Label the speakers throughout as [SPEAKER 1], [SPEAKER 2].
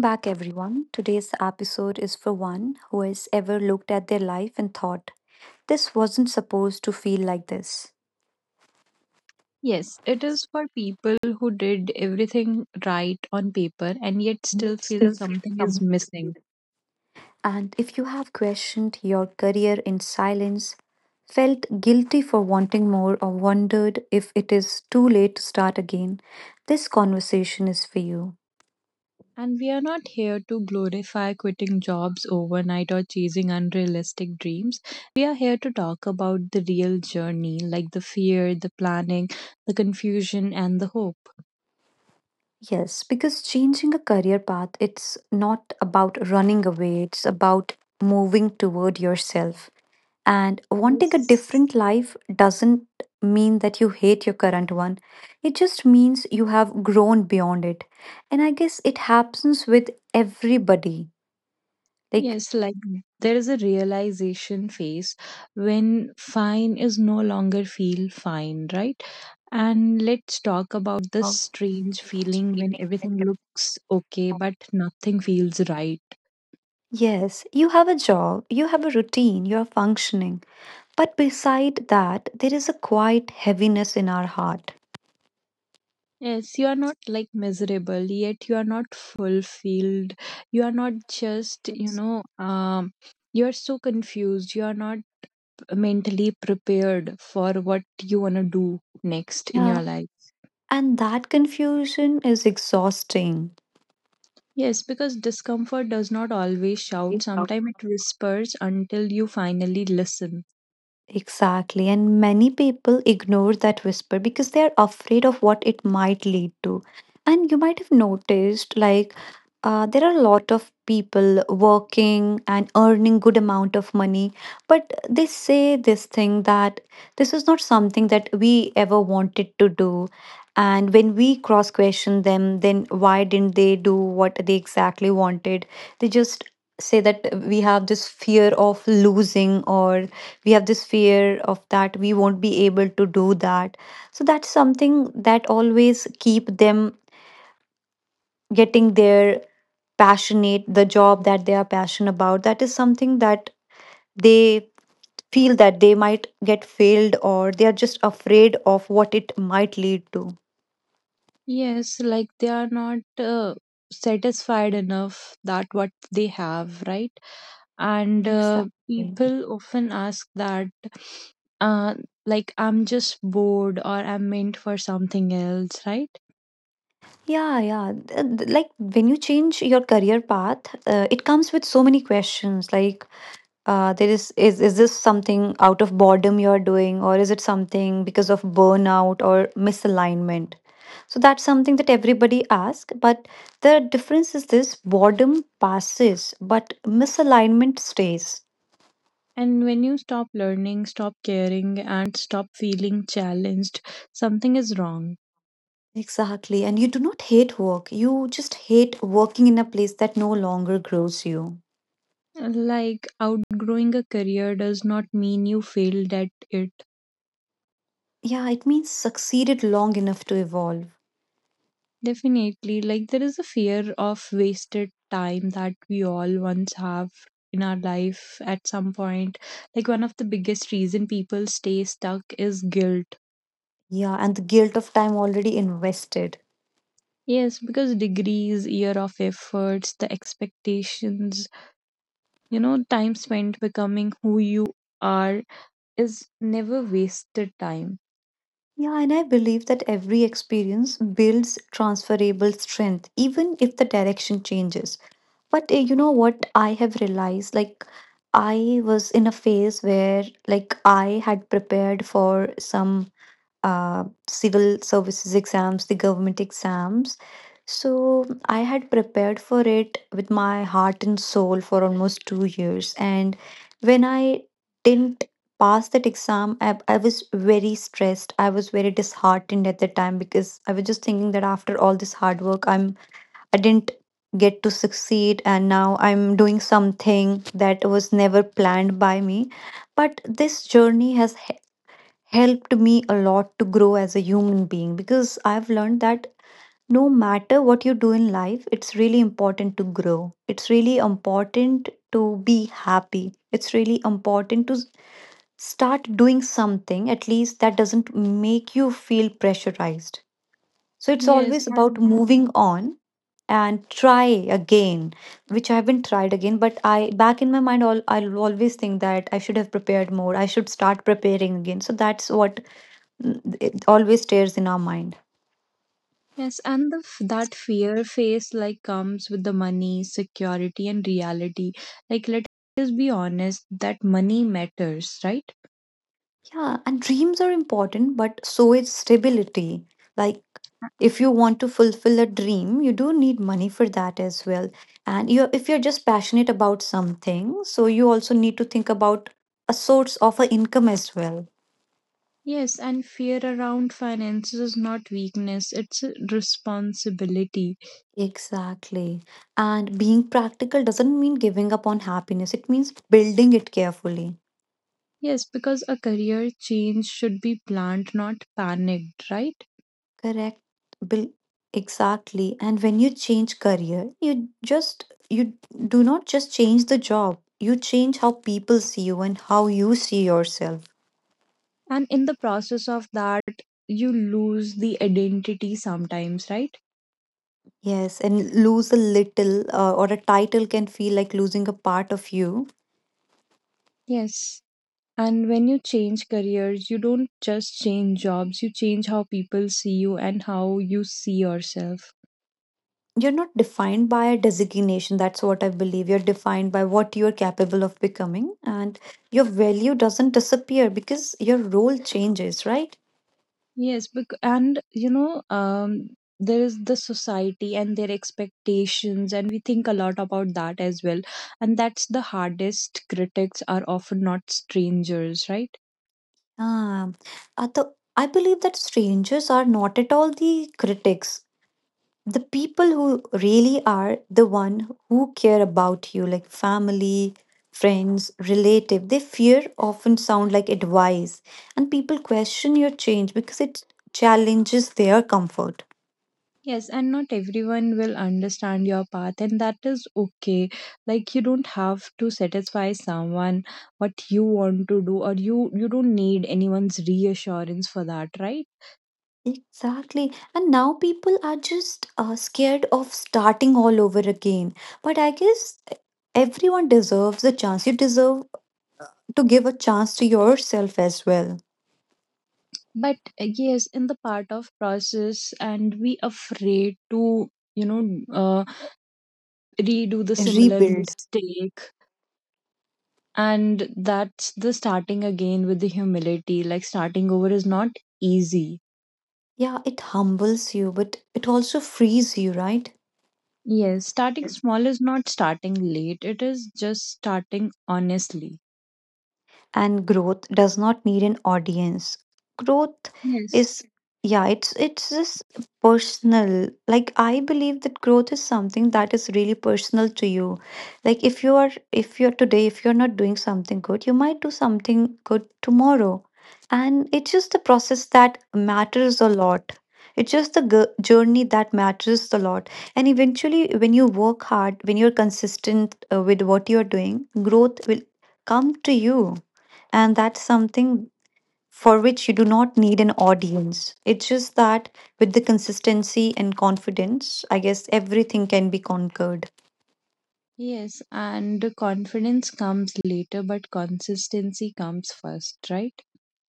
[SPEAKER 1] back, everyone. Today's episode is for one who has ever looked at their life and thought, this wasn't supposed to feel like this.
[SPEAKER 2] Yes, it is for people who did everything right on paper and yet still
[SPEAKER 1] It
[SPEAKER 2] feel
[SPEAKER 1] still feels
[SPEAKER 2] something is
[SPEAKER 1] some.
[SPEAKER 2] missing.
[SPEAKER 1] And if you have questioned your career in silence, felt guilty for wanting more, or wondered if it is too late to start again, this conversation is for you.
[SPEAKER 2] And we are not here to glorify quitting jobs overnight or chasing unrealistic dreams. We are here to talk about the real journey, like the fear, the planning, the confusion, and the hope.
[SPEAKER 1] Yes, because changing a career path, it's not about running away, it's about moving toward yourself. And wanting a
[SPEAKER 2] Yes.
[SPEAKER 1] different life doesn't mean that you hate your current one. It just means you have grown beyond it. And I guess it happens with everybody. Like,
[SPEAKER 2] Yes, like there is a realization phase when fine is no longer feel fine, right? And let's talk about this
[SPEAKER 1] oh,
[SPEAKER 2] strange
[SPEAKER 1] it's
[SPEAKER 2] feeling when
[SPEAKER 1] really
[SPEAKER 2] everything looks okay
[SPEAKER 1] hard.
[SPEAKER 2] but nothing feels right.
[SPEAKER 1] Yes, you have a job, you have a routine, you are functioning. But beside that, there is a quiet heaviness in our heart.
[SPEAKER 2] Yes, you are not like miserable, yet you are not fulfilled. You are not just, you know, um, you are so confused. You are not mentally prepared for what you want to do next in
[SPEAKER 1] Yeah.
[SPEAKER 2] your life.
[SPEAKER 1] And that confusion is exhausting.
[SPEAKER 2] Yes, because discomfort does not always shout. Sometimes it whispers until you finally listen.
[SPEAKER 1] Exactly. And many people ignore that whisper because they are afraid of what it might lead to. And you might have noticed, like, there are a lot of people working and earning good amount of money, but they say this thing that this is not something that we ever wanted to do. And when we cross question them then why didn't they do what they exactly wanted, they just say that we have this fear of losing, or we have this fear of that we won't be able to do that. So that's something that always keep them getting their passionate, the job that they are passionate about, that is something that they feel that they might get failed, or they are just afraid of what it might lead to.
[SPEAKER 2] Yes, like they are not satisfied enough that what they have, right? And
[SPEAKER 1] Exactly.
[SPEAKER 2] people often ask that uh like I'm just bored or I'm meant for something else, right?
[SPEAKER 1] Yeah, yeah. Like when you change your career path, it comes with so many questions. Like, there is, is this something out of boredom you're doing, or is it something because of burnout or misalignment? So that's something that everybody asks, but the difference is this boredom passes but misalignment stays.
[SPEAKER 2] And when you stop learning, stop caring, and stop feeling challenged, something is wrong.
[SPEAKER 1] Exactly. And you do not hate work, you just hate working in a place that no longer grows you.
[SPEAKER 2] Like outgrowing a career does not mean you failed at it.
[SPEAKER 1] Yeah, it means succeeded long enough to evolve.
[SPEAKER 2] Definitely. Like there is a fear of wasted time that we all once have in our life at some point. Like one of the biggest reason people stay stuck is guilt.
[SPEAKER 1] Yeah, and the guilt of time already invested.
[SPEAKER 2] Yes, because degrees, year of efforts, the expectations, time spent becoming who you are is never wasted time.
[SPEAKER 1] Yeah, and I believe that every experience builds transferable strength, even if the direction changes. But what I have realized? Like, I was in a phase where, like, I had prepared for some civil services exams, the government exams. So I had prepared for it with my heart and soul for almost 2 years. And when I didn't pass that exam, I was very stressed. I was very disheartened at the time because I was just thinking that after all this hard work, I didn't get to succeed and now I'm doing something that was never planned by me. But this journey has helped me a lot to grow as a human being because I've learned that no matter what you do in life, it's really important to grow. It's really important to be happy. It's really important to start doing something at least that doesn't make you feel pressurized. So it's
[SPEAKER 2] Yes,
[SPEAKER 1] always about
[SPEAKER 2] and
[SPEAKER 1] moving on and try again, which I haven't tried again, but I back in my mind all, I'll always think that I should have prepared more, I should start preparing again. So that's what. Mm, it always stays in our mind.
[SPEAKER 2] Yes, and the, that fear face like comes with the money, security, and reality. Like, let us be honest, that money matters, right?
[SPEAKER 1] Yeah, and dreams are important, but so is stability. Like, if you want to fulfill a dream, you do need money for that as well. And you, if you're just passionate about something, so you also need to think about a source of an income as well.
[SPEAKER 2] Yes, and fear around finances is not weakness, it's a responsibility.
[SPEAKER 1] Exactly. And being practical doesn't mean giving up on happiness, it means building it carefully.
[SPEAKER 2] Yes, because a career change should be planned, not panicked, right?
[SPEAKER 1] Correct. Bill, exactly. And when you change career, you do not just change the job. You change how people see you and how you see yourself.
[SPEAKER 2] And in the process of that, you lose the identity sometimes, right?
[SPEAKER 1] Yes, and lose a little or a title can feel like losing a part of you.
[SPEAKER 2] Yes. And when you change careers, you don't just change jobs, you change how people see you and how you see yourself.
[SPEAKER 1] You're not defined by a designation. That's what I believe. You're defined by what you're capable of becoming, and your value doesn't disappear because your role changes, right?
[SPEAKER 2] Yes, there is the society and their expectations, and we think a lot about that as well. And that's the hardest critics are often not strangers, right?
[SPEAKER 1] Ah, I believe that strangers are not at all the critics. The people who really are the one who care about you, like family, friends, relative, they fear often sound like advice, and people question your change because it challenges their comfort.
[SPEAKER 2] Yes, and not everyone will understand your path, and that is okay. Like you don't have to satisfy someone what you want to do, or you don't need anyone's reassurance for that, right?
[SPEAKER 1] Exactly. And now people are just scared of starting all over again. But I guess everyone deserves a chance. You deserve to give a chance to yourself as well.
[SPEAKER 2] But yes, in the part of process, and we afraid to you know uh, redo the similar
[SPEAKER 1] Rebuild.
[SPEAKER 2] mistake, and that's the starting again with the humility. Like starting over is not easy.
[SPEAKER 1] Yeah, it humbles you, but it also frees you, right?
[SPEAKER 2] Yes, starting small is not starting late, it is just starting honestly.
[SPEAKER 1] And growth does not need an audience. Growth
[SPEAKER 2] Yes.
[SPEAKER 1] is, yeah, it's just personal. Like I believe that growth is something that is really personal to you. Like if you are, if you're today, if you're not doing something good, you might do something good tomorrow. And it's just the process that matters a lot. It's just the journey that matters a lot. And eventually, when you work hard, when you're consistent with what you're doing, growth will come to you, and that's something for which you do not need an audience. It's just that with the consistency and confidence, I guess everything can be conquered.
[SPEAKER 2] Yes, and the confidence comes later, but consistency comes first, right?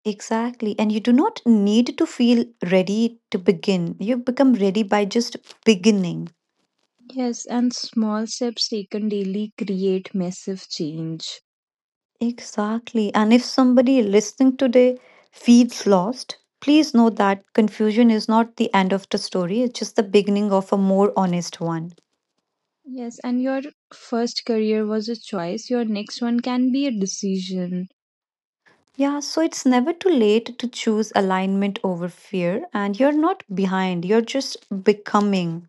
[SPEAKER 1] Exactly. And you do not need to feel ready to begin. You become ready by just beginning.
[SPEAKER 2] Yes, and small steps taken daily create massive change.
[SPEAKER 1] Exactly. And if somebody listening today feels lost, please know that confusion is not the end of the story, it's just the beginning of a more honest one.
[SPEAKER 2] Yes, and your first career was a choice, your next one can be a decision.
[SPEAKER 1] Yeah, so it's never too late to choose alignment over fear, and you're not behind, you're just becoming.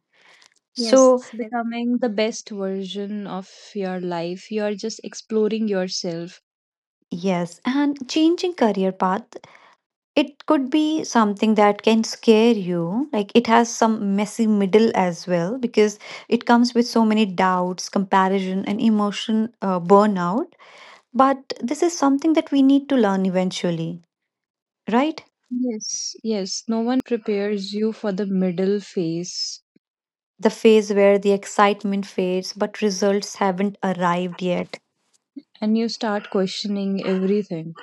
[SPEAKER 2] Yes,
[SPEAKER 1] So,
[SPEAKER 2] becoming the best version of your life. You are just exploring yourself.
[SPEAKER 1] yes, and changing career path, it could be something that can scare you. Like it has some messy middle as well, because it comes with so many doubts, comparison, and emotion, burnout. But this is something that we need to learn eventually, right?
[SPEAKER 2] Yes, yes. No one prepares you for the middle phase,
[SPEAKER 1] The phase where the excitement fades, but results haven't arrived yet.
[SPEAKER 2] and you start questioning everything.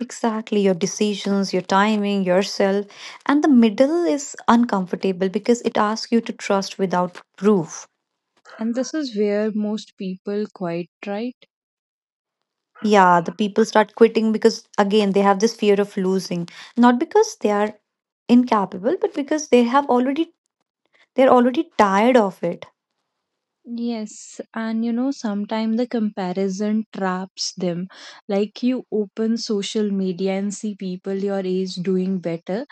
[SPEAKER 1] Exactly, your decisions, your timing, yourself. And the middle is uncomfortable because it asks you to trust without proof.
[SPEAKER 2] And this is where most people quite, right?
[SPEAKER 1] Yeah, the people start quitting because, again, they have this fear of losing. Not because they are incapable, but because they have they're already tired of it.
[SPEAKER 2] Yes, and sometimes the comparison traps them. Like you open social media and see people your age doing better,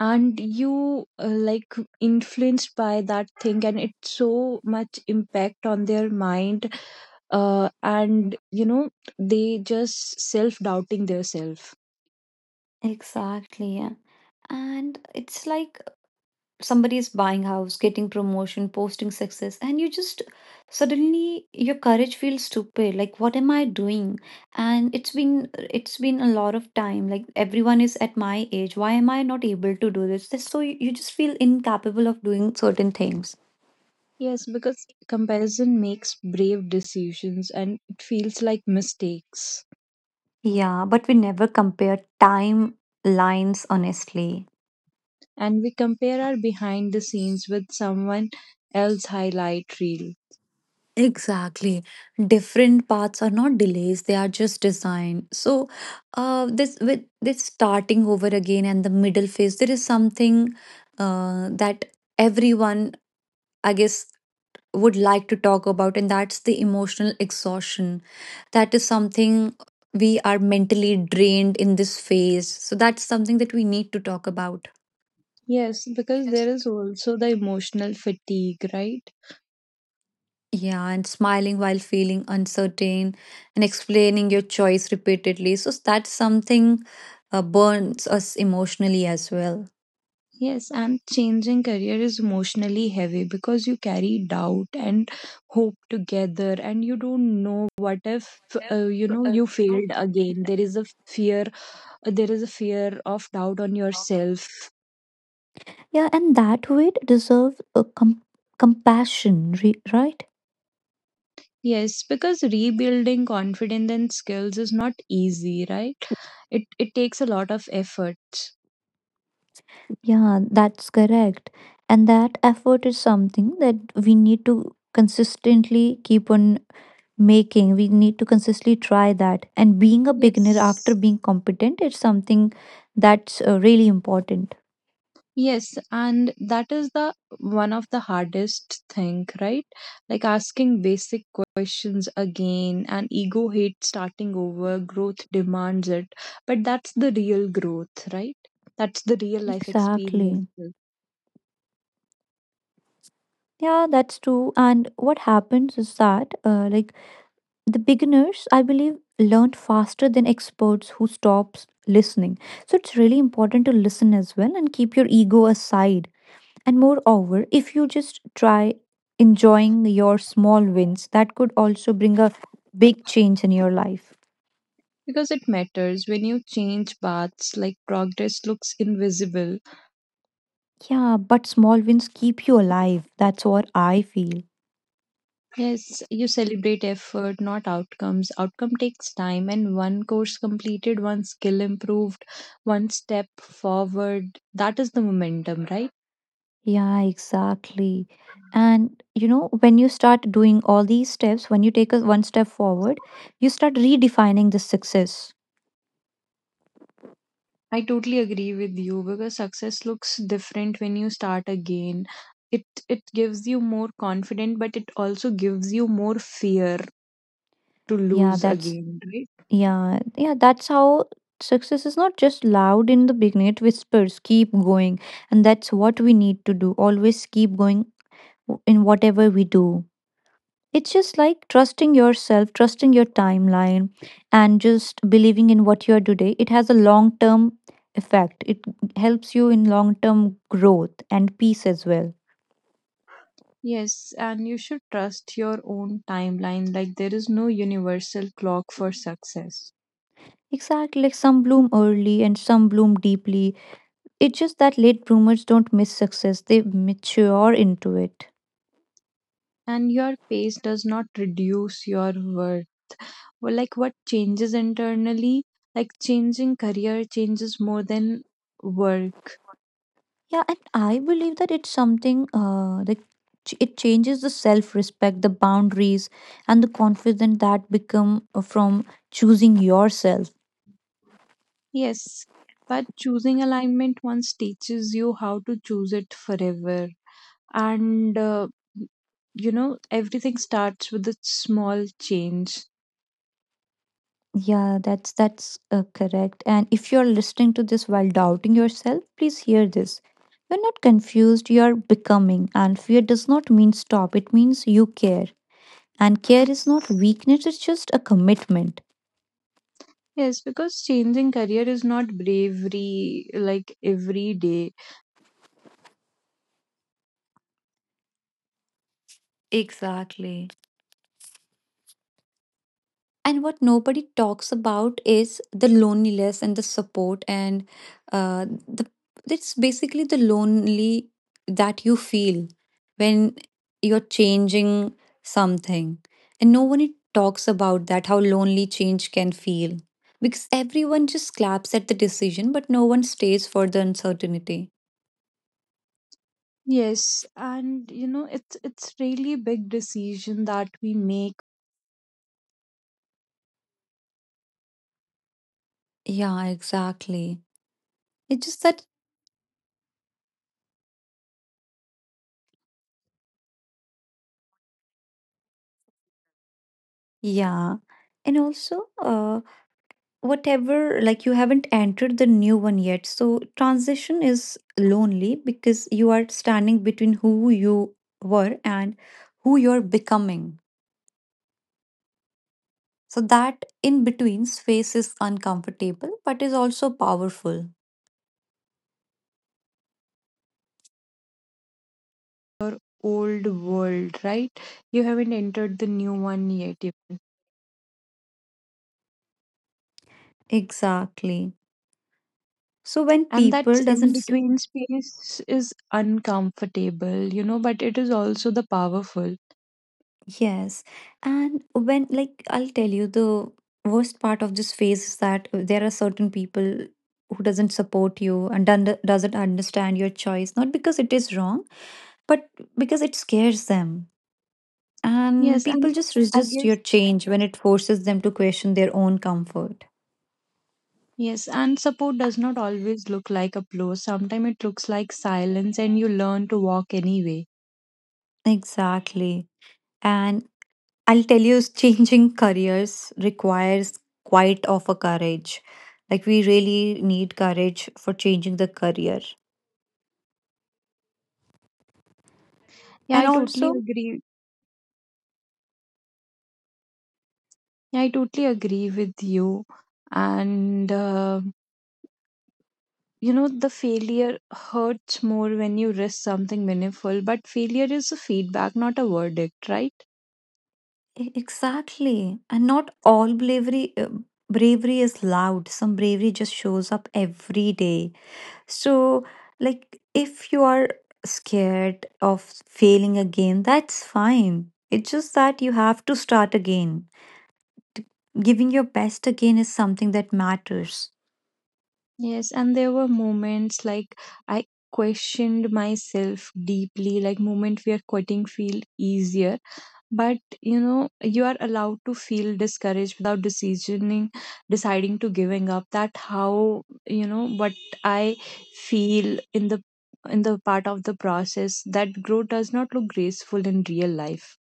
[SPEAKER 2] and you like influenced by that thing, and it's so much impact on their mind and they just self doubting themselves.
[SPEAKER 1] Exactly. Yeah. And it's like somebody is buying house, getting promotion, posting success, and you just suddenly your courage feels stupid, like what am I doing? And it's been, it's been a lot of time, like everyone is at my age, why am I not able to do this? Just so you just feel incapable of doing certain things.
[SPEAKER 2] Yes, because comparison makes brave decisions and it feels like mistakes,
[SPEAKER 1] Yeah, but we never compare timelines honestly.
[SPEAKER 2] and we compare our behind the scenes with someone else highlight reel.
[SPEAKER 1] Exactly. Different paths are not delays, they are just design. So this with this starting over again and the middle phase, there is something that everyone I guess would like to talk about, and that's the emotional exhaustion. That is something we are mentally drained in this phase. So that's something that we need to talk about.
[SPEAKER 2] Yes, because there is also the emotional fatigue, right?
[SPEAKER 1] Yeah, and smiling while feeling uncertain and explaining your choice repeatedly. So that's something burns us emotionally as well.
[SPEAKER 2] Yes, and changing career is emotionally heavy because you carry doubt and hope together, and you don't know what if you failed again. There is a fear, there is a fear of doubt on yourself.
[SPEAKER 1] Yeah, and that weight deserves a compassion, right?
[SPEAKER 2] Yes, because rebuilding confidence and skills is not easy, right? It takes a lot of effort.
[SPEAKER 1] Yeah, that's correct. And that effort is something that we need to consistently keep on making. We need to consistently try that. And being a beginner after
[SPEAKER 2] Yes.
[SPEAKER 1] being competent is something that's really important.
[SPEAKER 2] Yes, and that is the one of the hardest thing, right? Like asking basic questions again, and ego hates starting over, growth demands it. But that's the real growth, right? That's the real life
[SPEAKER 1] Exactly.
[SPEAKER 2] experiences.
[SPEAKER 1] Yeah, that's true. And what happens is that, like the beginners, I believe, learned faster than experts who stops listening. So it's really important to listen as well and keep your ego aside. And moreover, if you just try enjoying your small wins, that could also bring a big change in your life.
[SPEAKER 2] Because it matters when you change paths, like progress looks invisible.
[SPEAKER 1] Yeah, but small wins keep you alive. That's what I feel.
[SPEAKER 2] Yes, you celebrate effort, not outcomes. Outcome takes time, and one course completed, one skill improved, one step forward. That is the momentum, right?
[SPEAKER 1] Yeah, exactly. And you know, when you start doing all these steps, when you take a one step forward, you start redefining the success.
[SPEAKER 2] I totally agree with you because success looks different when you start again. It gives you more confidence, but it also gives you more fear to
[SPEAKER 1] Yeah,
[SPEAKER 2] lose
[SPEAKER 1] that's,
[SPEAKER 2] again, right?
[SPEAKER 1] yeah, yeah, that's how success is not just loud in the beginning, it whispers, keep going. And that's what we need to do. Always keep going in whatever we do. It's just like trusting yourself, trusting your timeline, and just believing in what you are today. It has a long term effect. It helps you in long term growth and peace as well.
[SPEAKER 2] Yes, and you should trust your own timeline. Like there is no universal clock for success,
[SPEAKER 1] Exactly, like some bloom early and some bloom deeply. It's just that late bloomers don't miss success, they mature into it.
[SPEAKER 2] and your pace does not reduce your worth. Well, like what changes internally, like changing career changes more than work.
[SPEAKER 1] Yeah, and I believe that it's something that it changes the self respect, the boundaries, and the confidence that become from choosing yourself.
[SPEAKER 2] Yes, but choosing alignment once teaches you how to choose it forever. And everything starts with a small change.
[SPEAKER 1] Yeah, that's correct. And if you're listening to this while doubting yourself, please hear this. You're not confused, you're becoming. And fear does not mean stop, it means you care. And care is not
[SPEAKER 2] Yes.
[SPEAKER 1] weakness, it's just a commitment.
[SPEAKER 2] Yes, because changing career is not bravery like every day.
[SPEAKER 1] Exactly. And what nobody talks about is the loneliness and the support and the it's basically the lonely that you feel when you're changing something, and no one talks about that, how lonely change can feel, because everyone just claps at the decision but no one stays for the uncertainty.
[SPEAKER 2] Yes, and it's really big decision that we make
[SPEAKER 1] Yeah, exactly, it's just that. Yeah, and also, whatever, like you haven't entered the new one yet, so transition is lonely because you are standing between who you were and who you're becoming. So that in between space is uncomfortable but is also powerful.
[SPEAKER 2] your old world, right? You haven't entered the new one yet.
[SPEAKER 1] Exactly. So when
[SPEAKER 2] And
[SPEAKER 1] people
[SPEAKER 2] that in
[SPEAKER 1] doesn't.
[SPEAKER 2] between space is uncomfortable, you know, but it is also the powerful.
[SPEAKER 1] Yes. And when, like, I'll tell you, the worst part of this phase is that there are certain people who doesn't support you and doesn't understand your choice, not because it is wrong, but because it scares them. And
[SPEAKER 2] Yes,
[SPEAKER 1] people
[SPEAKER 2] and
[SPEAKER 1] just
[SPEAKER 2] I
[SPEAKER 1] resist your
[SPEAKER 2] guess,
[SPEAKER 1] change when it forces them to question their own comfort.
[SPEAKER 2] yes, and support does not always look like applause. Sometimes it looks like silence, and you learn to walk anyway.
[SPEAKER 1] Exactly. And I'll tell you, changing careers requires quite of a courage. Like, we really need courage for changing the career.
[SPEAKER 2] Yeah,
[SPEAKER 1] And
[SPEAKER 2] I totally
[SPEAKER 1] also,
[SPEAKER 2] agree. Yeah, I totally agree with you. And you know the failure hurts more when you risk something meaningful, but failure is a feedback not a verdict, right?
[SPEAKER 1] exactly, and not all bravery, bravery is loud. Some bravery just shows up every day. So like, if you are scared of failing again, that's fine. It's just that you have to start again. T- giving your best again is something that matters.
[SPEAKER 2] Yes, and there were moments like I questioned myself deeply, like moment where quitting feel easier, but you know you are allowed to feel discouraged without decisioning deciding to giving up. That how you know what I feel in the part of the process, that growth does not look graceful in real life.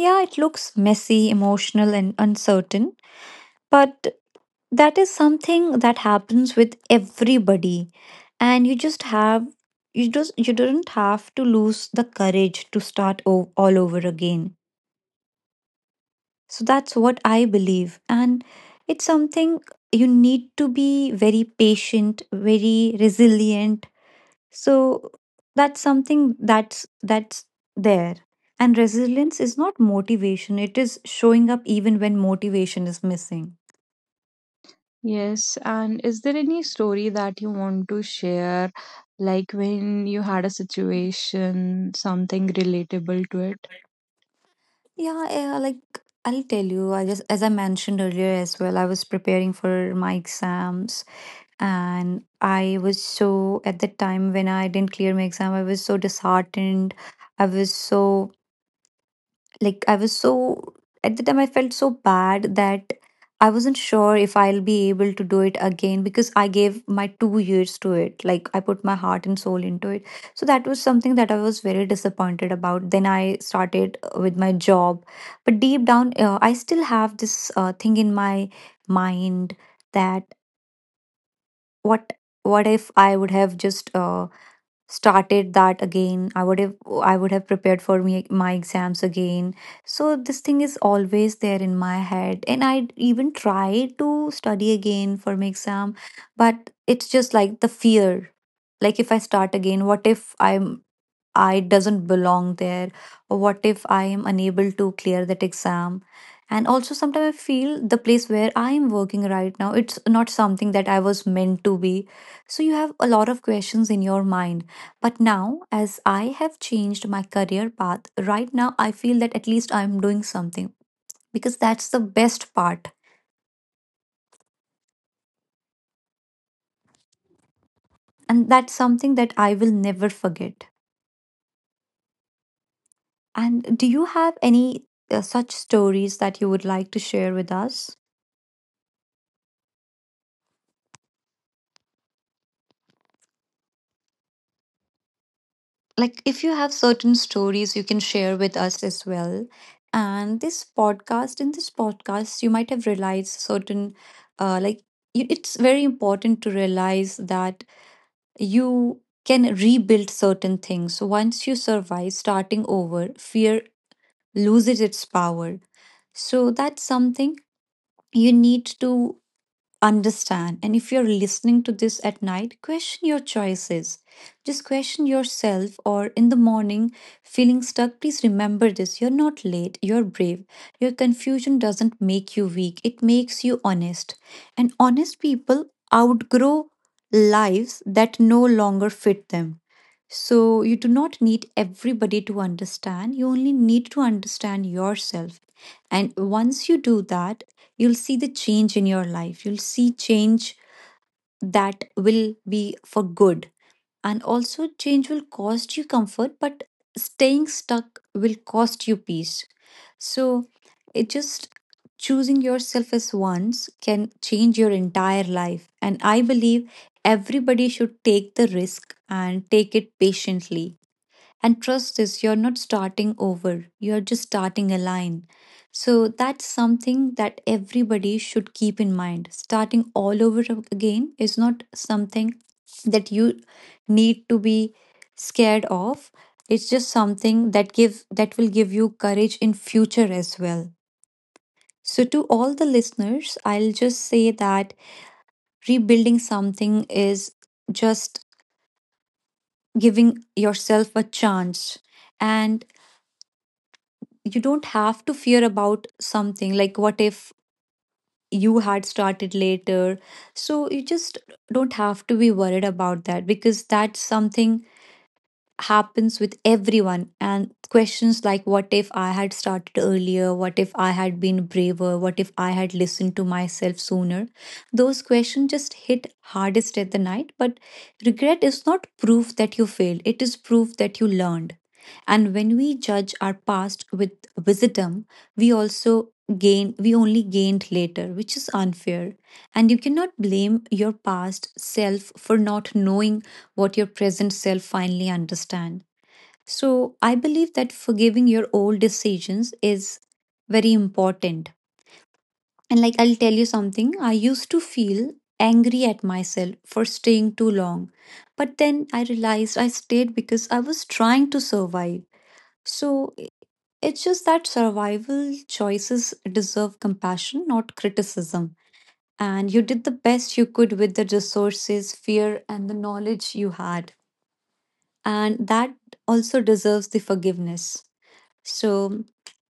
[SPEAKER 1] Yeah, it looks messy, emotional, and uncertain, but that is something that happens with everybody. And you just have you just you don't have to lose the courage to start all over again. So that's what I believe. And it's something you need to be very patient, very resilient. So that's something that's there. And resilience is not motivation, it is showing up even when motivation is missing.
[SPEAKER 2] Yes, and is there any story that you want to share, like when you had a situation, something relatable to it?
[SPEAKER 1] Yeah, yeah, like I'll tell you, I just, as I mentioned earlier as well, I was preparing for my exams, and at the time when I didn't clear my exam, I was so disheartened. I was so like I was so at the time I felt so bad that I wasn't sure if I'll be able to do it again, because I gave my 2 years to it, like I put my heart and soul into it. So that was something that I was very disappointed about. Then I started with my job, but deep down, I still have this thing in my mind that what what if I would have just started that again. I would have, I would have prepared for me my exams again. So this thing is always there in my head, and I even tried to study again for my exam, but it's just like the fear, like if I start again, what if I'm I doesn't belong there, or what if I am unable to clear that exam. And also sometimes I feel the place where I am working right now, it's not something that I was meant to be. So you have a lot of questions in your mind, but now as I have changed my career path, right now I feel that at least I'm doing something, because that's the best part, and that's something that I will never forget. And do you have any such stories that you would like to share with us? Like if you have certain stories, you can share with us as well. And this podcast, in this podcast, you might have realized certain uh, like it's very important to realize that you can rebuild certain things. So, once you survive starting over, fear loses its power. So that's something you need to understand. And if you're listening to this at night, question your choices, just question yourself, or in the morning feeling stuck, please remember this: you're not late, you're brave. Your confusion doesn't make you weak, it makes you honest. And honest people outgrow lives that no longer fit them. So, you do not need everybody to understand, you only need to understand yourself. And once you do that, you'll see the change in your life. You'll see change that will be for good. And also, change will cost you comfort, but staying stuck will cost you peace. So, it just choosing yourself as once can change your entire life. And I believe everybody should take the risk and take it patiently, and trust this: you're not starting over, you're just starting a line. So that's something that everybody should keep in mind. Starting all over again is not something that you need to be scared of. It's just something that give that will give you courage in future as well. So to all the listeners, I'll just say that rebuilding something is just giving yourself a chance, and you don't have to fear about something like what if you had started later. So you just don't have to be worried about that, because that's something happens with everyone. And questions like, what if I had started earlier, what if I had been braver, what if I had listened to myself sooner, those questions just hit hardest at the night. But regret is not proof that you failed, it is proof that you learned. And when we judge our past with wisdom we also gain, we only gained later, which is unfair. And you cannot blame your past self for not knowing what your present self finally understand. So I believe that forgiving your old decisions is very important. And like, I'll tell you something, I used to feel angry at myself for staying too long. But then I realized I stayed because I was trying to survive. So it's just that survival choices deserve compassion, not criticism. And you did the best you could with the resources, fear, and the knowledge you had. And that also deserves the forgiveness. So,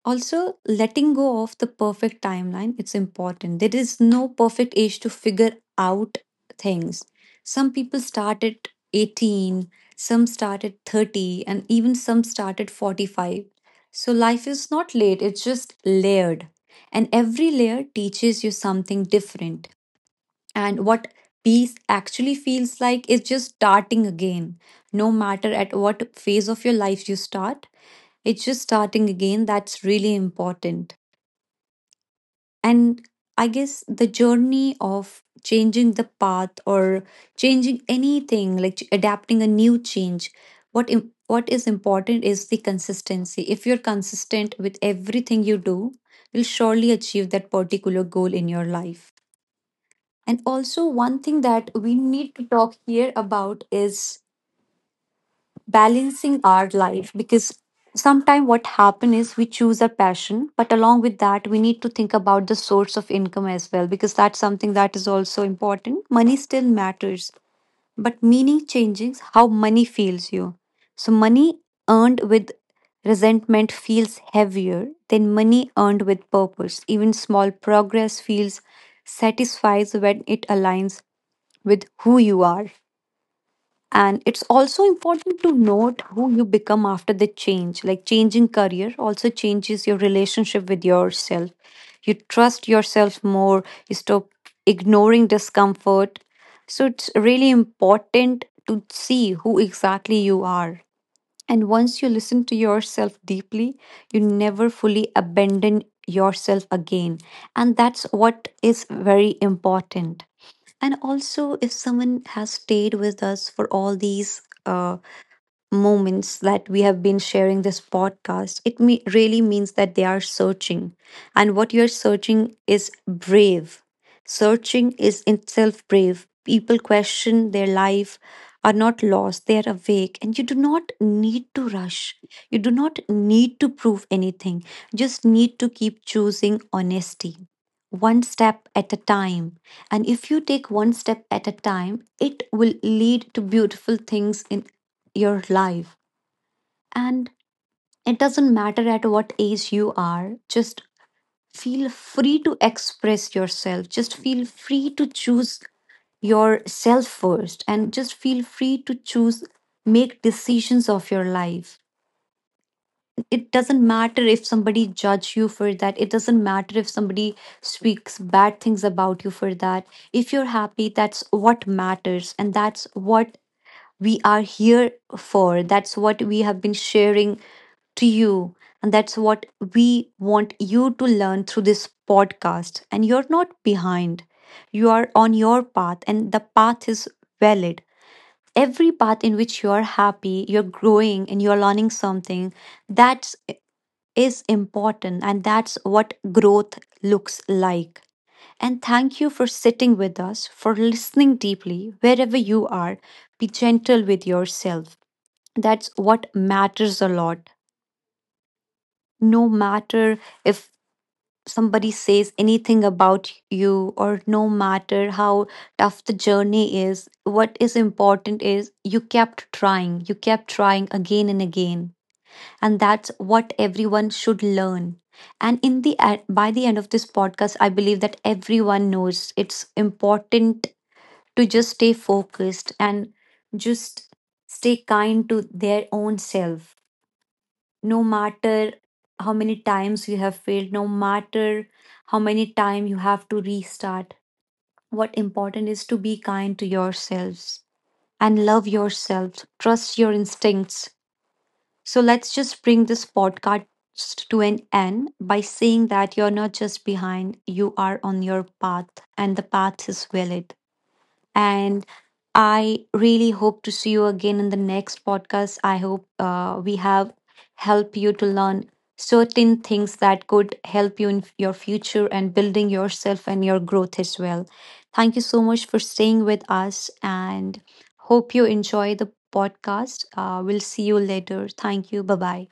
[SPEAKER 1] also letting go of the perfect timeline, it's important. There is no perfect age to figure out things. Some people start at 18, some start at 30, and even some start at 45. So life is not late, it's just layered, and every layer teaches you something different. And what peace actually feels like is just starting again. No matter at what phase of your life you start, it's just starting again. That's really important. And I guess the journey of changing the path or changing anything, like adapting a new change, what is important is the consistency. If you're consistent with everything you do, you'll surely achieve that particular goal in your life. And also, one thing that we need to talk here about is balancing our life, because sometimes what happen is we choose a passion, but along with that, we need to think about the source of income as well, because that's something that is also important. Money still matters, but meaning changes how money feels you. So, money earned with resentment feels heavier than money earned with purpose. Even small progress feels satisfies when it aligns with who you are. And it's also important to note who you become after the change. Like changing career also changes your relationship with yourself. You trust yourself more, you stop ignoring discomfort. So it's really important to see who exactly you are. And once you listen to yourself deeply, you never fully abandon yourself again. And that's what is very important. And also, if someone has stayed with us for all these moments that we have been sharing this podcast, it really means that they are searching. And what you're searching is brave. Searching is itself brave. People question their life, are not lost, they are awake. And you do not need to rush. You do not need to prove anything. Just need to keep choosing honesty one step at a time. And if you take one step at a time, it will lead to beautiful things in your life. And it doesn't matter at what age you are, just feel free to express yourself. Just feel free to choose yourself first, and just feel free to choose, make decisions of your life. It doesn't matter if somebody judge you for that, it doesn't matter if somebody speaks bad things about you for that. If you're happy, that's what matters. And that's what we are here for, that's what we have been sharing to you, and that's what we want you to learn through this podcast. And you're not behind, you are on your path, and the path is valid. Every path in which you are happy, you're growing, and you're learning something, that's is important, and that's what growth looks like. And thank you for sitting with us, for listening deeply wherever you are. Be gentle with yourself. That's what matters a lot. No matter if somebody says anything about you, or no matter how tough the journey is, what is important is you kept trying again and again. And that's what everyone should learn. And in the by the end of this podcast, I believe that everyone knows it's important to just stay focused and just stay kind to their own self. No matter how many times you have failed, no matter how many times you have to restart, what important is to be kind to yourselves and love yourself, trust your instincts. So let's just bring this podcast to an end by saying that you're not just behind, you are on your path, and the path is valid. And I really hope to see you again in the next podcast. I hope we have helped you to learn certain things that could help you in your future and building yourself and your growth as well. Thank you so much for staying with us, and hope you enjoy the podcast. We'll see you later. Thank you. Bye bye.